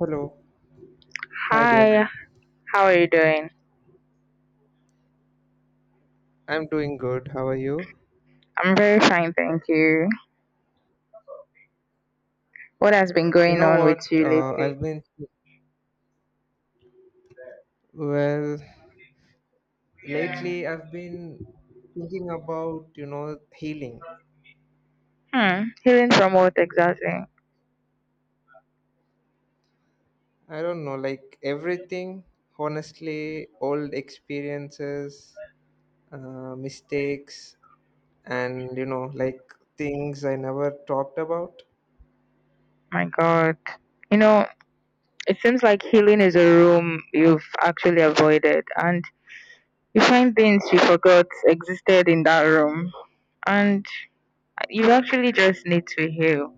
Hello. Hi there. Hi, how are you doing? I'm doing good. How are you? I'm very fine, thank you. What has been You going know on with what? you Uh, lately? I've been, well, lately I've been thinking about healing. Hmm, healing from what exactly? I don't know, like everything, honestly, old experiences, mistakes, and like things I never talked about. My God. You know, it seems like healing is a room you've actually avoided, and you find things you forgot existed in that room, and you actually just need to heal.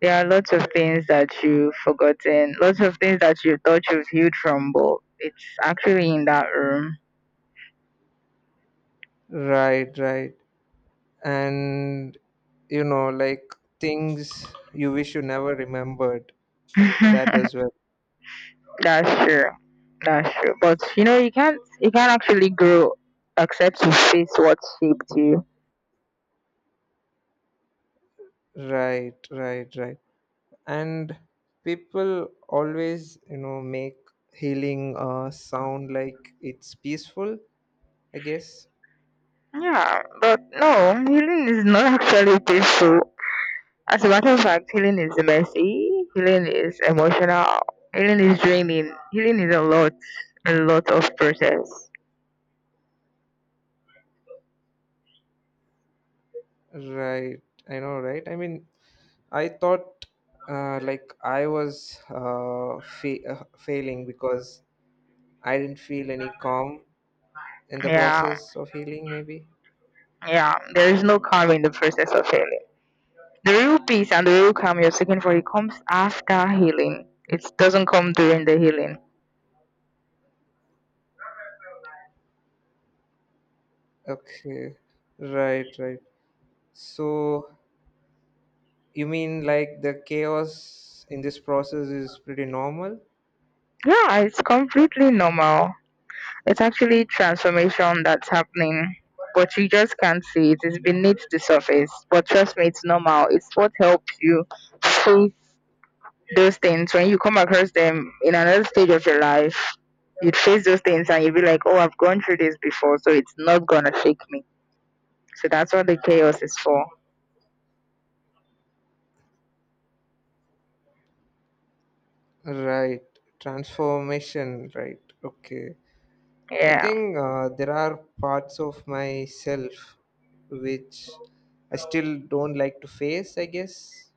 There are lots of things that you've forgotten, lots of things that you thought you've healed from, but it's actually in that room. Right, right. And, like things you wish you never remembered, that as well. That's true. That's true. But you know, you can't actually grow except you face what shaped you. Right, right, right. And people always, make healing sound like it's peaceful, I guess. Yeah, but no, healing is not actually peaceful. As a matter of fact, healing is messy. Healing is emotional. Healing is draining. Healing is a lot of process. Right, I know, right? I mean, I thought like I was failing because I didn't feel any calm in the Yeah, process of healing, maybe. yeah. There is no calm in the process of healing. The real peace and the real calm you're seeking for it comes after healing. It doesn't come during the healing. Okay, right, right. So you mean like the chaos in this process is pretty normal? Yeah, it's completely normal. It's actually transformation that's happening, but you just can't see it. It's beneath the surface. But trust me, it's normal. It's what helps you face those things. When you come across them in another stage of your life, you'd face those things and you'd be like, oh, I've gone through this before, so it's not going to shake me. So that's what the chaos is for. Right, transformation, right. Okay. I Yeah. think there are parts of myself which I still don't like to face, I guess.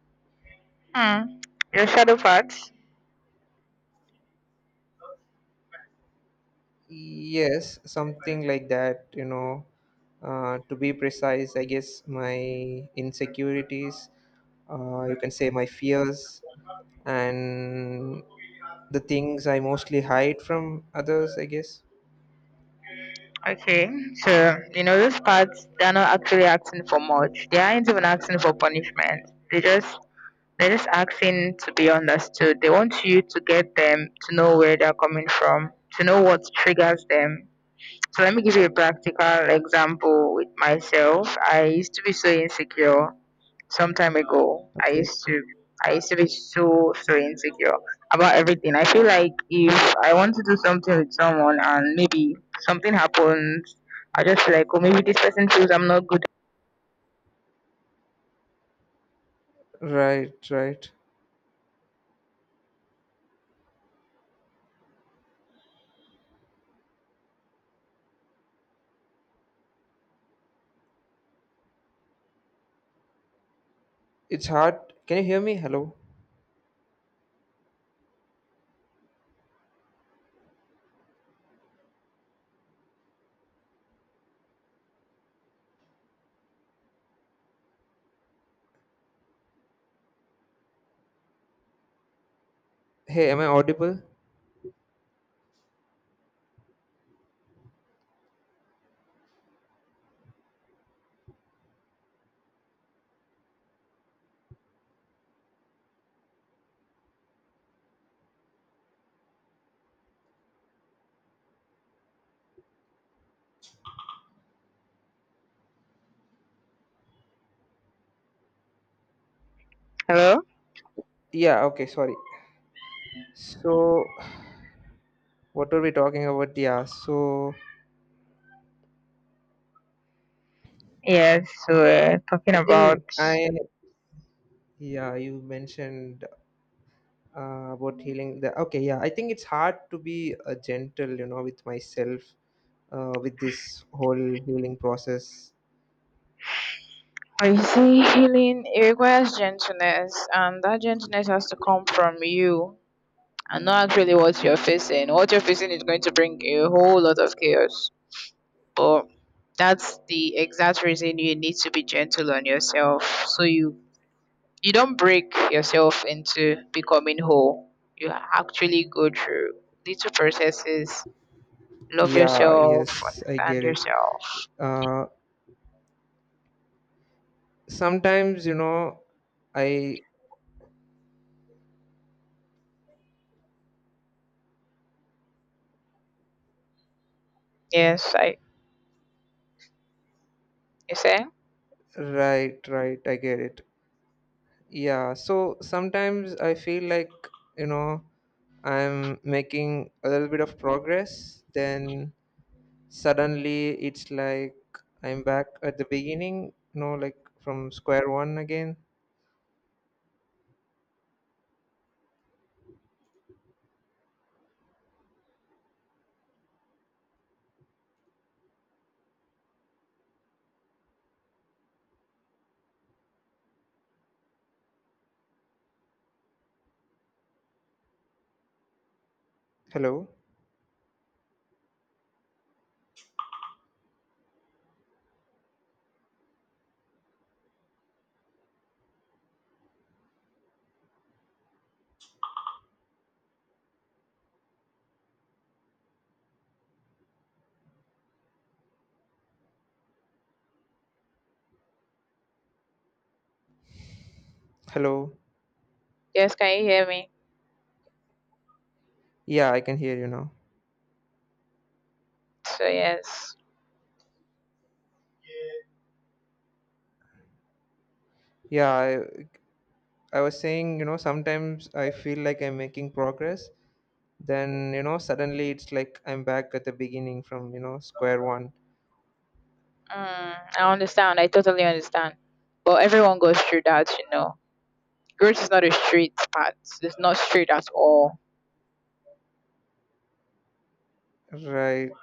Hmm. Your shadow part? Yes, something like that, you know. To be precise, I guess my insecurities, you can say my fears, and the things I mostly hide from others, I guess. Okay, so you know those parts they're not actually asking for much. They aren't even asking for punishment. They're just asking to be understood. They want you to get them to know where they're coming from, to know what triggers them. So let me give you a practical example with myself. I used to be so insecure some time ago i Okay. used to i used to be so insecure about everything. I feel like if I want to do something with someone and maybe something happens, I just feel like, oh, maybe this person feels I'm not good. Right, right. It's hard. Can you hear me? Hello? Hey, am I audible? Hello? Yeah, okay, sorry. So, what were we talking about? Yeah, so Yes, so we're talking I think about. I, yeah, you mentioned about okay, yeah, I think it's hard to be gentle, with myself, with this whole healing process. But you see, healing it requires gentleness, and that gentleness has to come from you and not really what you're facing. What you're facing is going to bring a whole lot of chaos. But that's the exact reason you need to be gentle on yourself, so you don't break yourself into becoming whole. You actually go through little processes. Love Yeah, yourself, yes, I understand get it. yourself. Uh, sometimes, you know, I, Yes, I. You say. right, right, I get it. Yeah, so sometimes I feel like, you know, I'm making a little bit of progress, then suddenly it's like I'm back at the beginning, like from square one again. Hello? Hello? Yes, can you hear me? Yeah, I can hear you now. So yes. Yeah, I was saying, sometimes I feel like I'm making progress, then, suddenly it's like I'm back at the beginning from, square one. I understand, I totally understand. But everyone goes through that, you know. Growth is not a straight path. It's not straight at all. Right.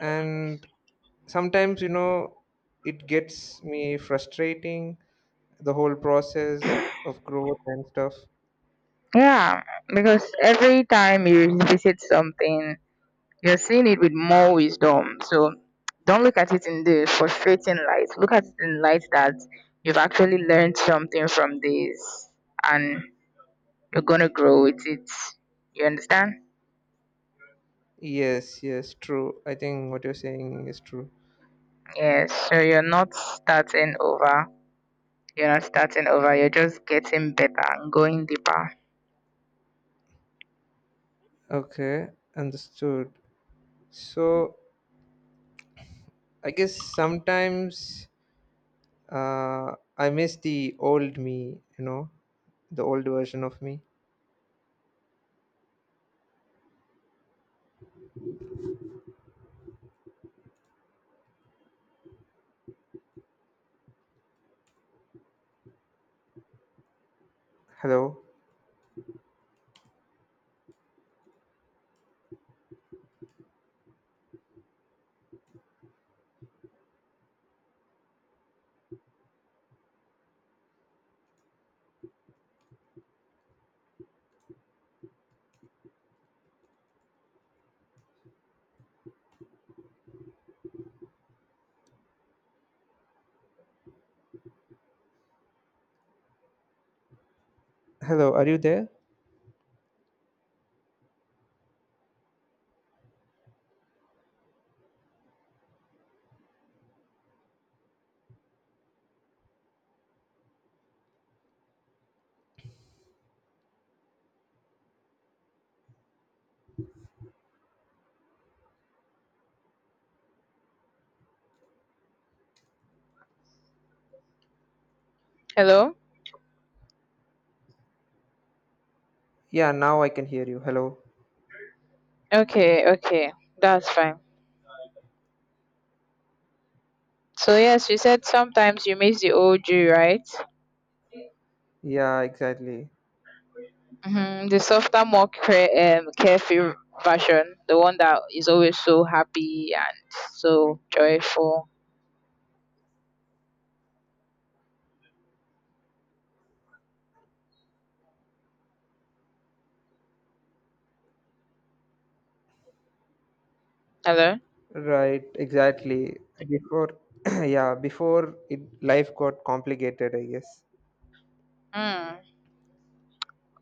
And sometimes, it gets me frustrating, the whole process of growth and stuff. Yeah, because every time you visit something, you're seeing it with more wisdom. So don't look at it in the frustrating light. Look at it in light that you've actually learned something from this and you're gonna grow with it. You understand? Yes, yes, true. I think what you're saying is true. Yes. So you're not starting over. You're not starting over. You're just getting better and going deeper. Okay, understood. So I guess sometimes, uh I miss the old me, the old version of me. Hello? Hello, are you there? Hello? Yeah, now I can hear you. Hello. Okay, okay. That's fine. So yes, you said sometimes you miss the old you, right? Yeah, exactly. Hmm. The softer, more carefree version, the one that is always so happy and so joyful. Hello. Right, exactly. Before, yeah, before it, life got complicated, I guess. Hmm.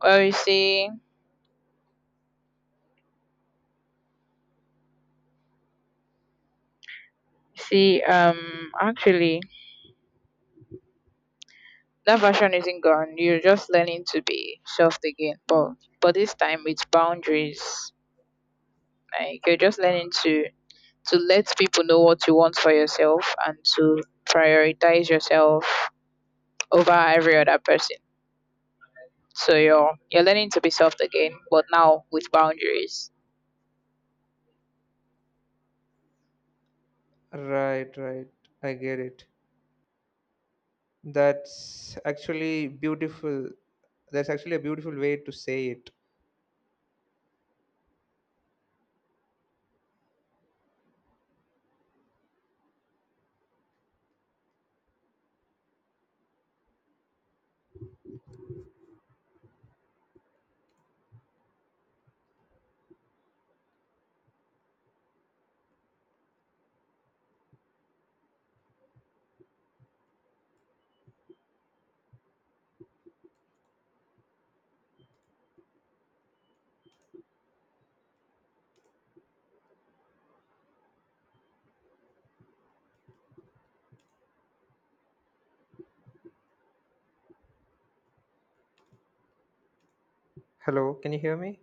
Well, you see, actually, that version isn't gone. You're just learning to be soft again, but this time with boundaries. Like you're just learning to let people know what you want for yourself and to prioritize yourself over every other person. So you're learning to be soft again, but now with boundaries. Right, right. I get it. That's actually beautiful. That's actually a beautiful way to say it. Hello, can you hear me?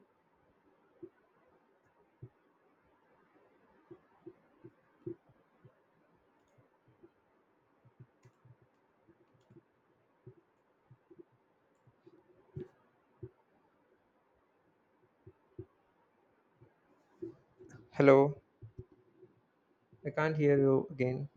Hello, I can't hear you again.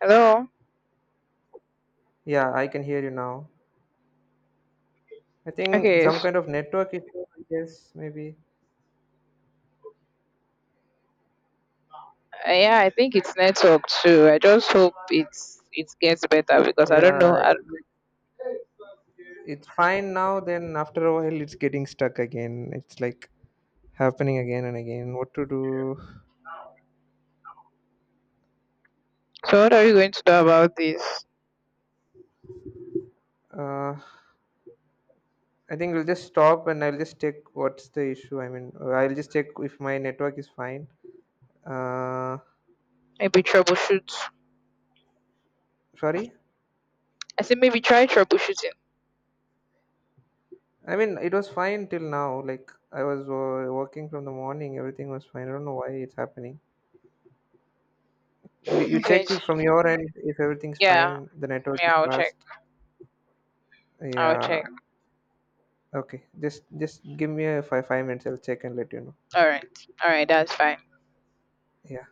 Hello. Yeah, I can hear you now. I think Okay. some kind of network issue, I guess, maybe. Yeah, I think it's network too. I just hope it gets better because I don't know. Yeah, I, it's fine now, then after a while it's getting stuck again. It's like happening again and again. What to do? so what are you going to do about this? Uh, I think we'll just stop and I'll just check what's the issue. I mean, I'll just check if my network is fine. Uh, Maybe troubleshoot. sorry. I said maybe try troubleshooting. I mean, it was fine till now. Like I was working from the morning, everything was fine. I don't know why it's happening. You Okay. check from your end if everything's Yeah. fine. The network is Yeah. I'll check. fast. I'll check. Yeah. Okay. Just give me a five minutes. I'll check and let you know. All right. All right. That's fine. Yeah.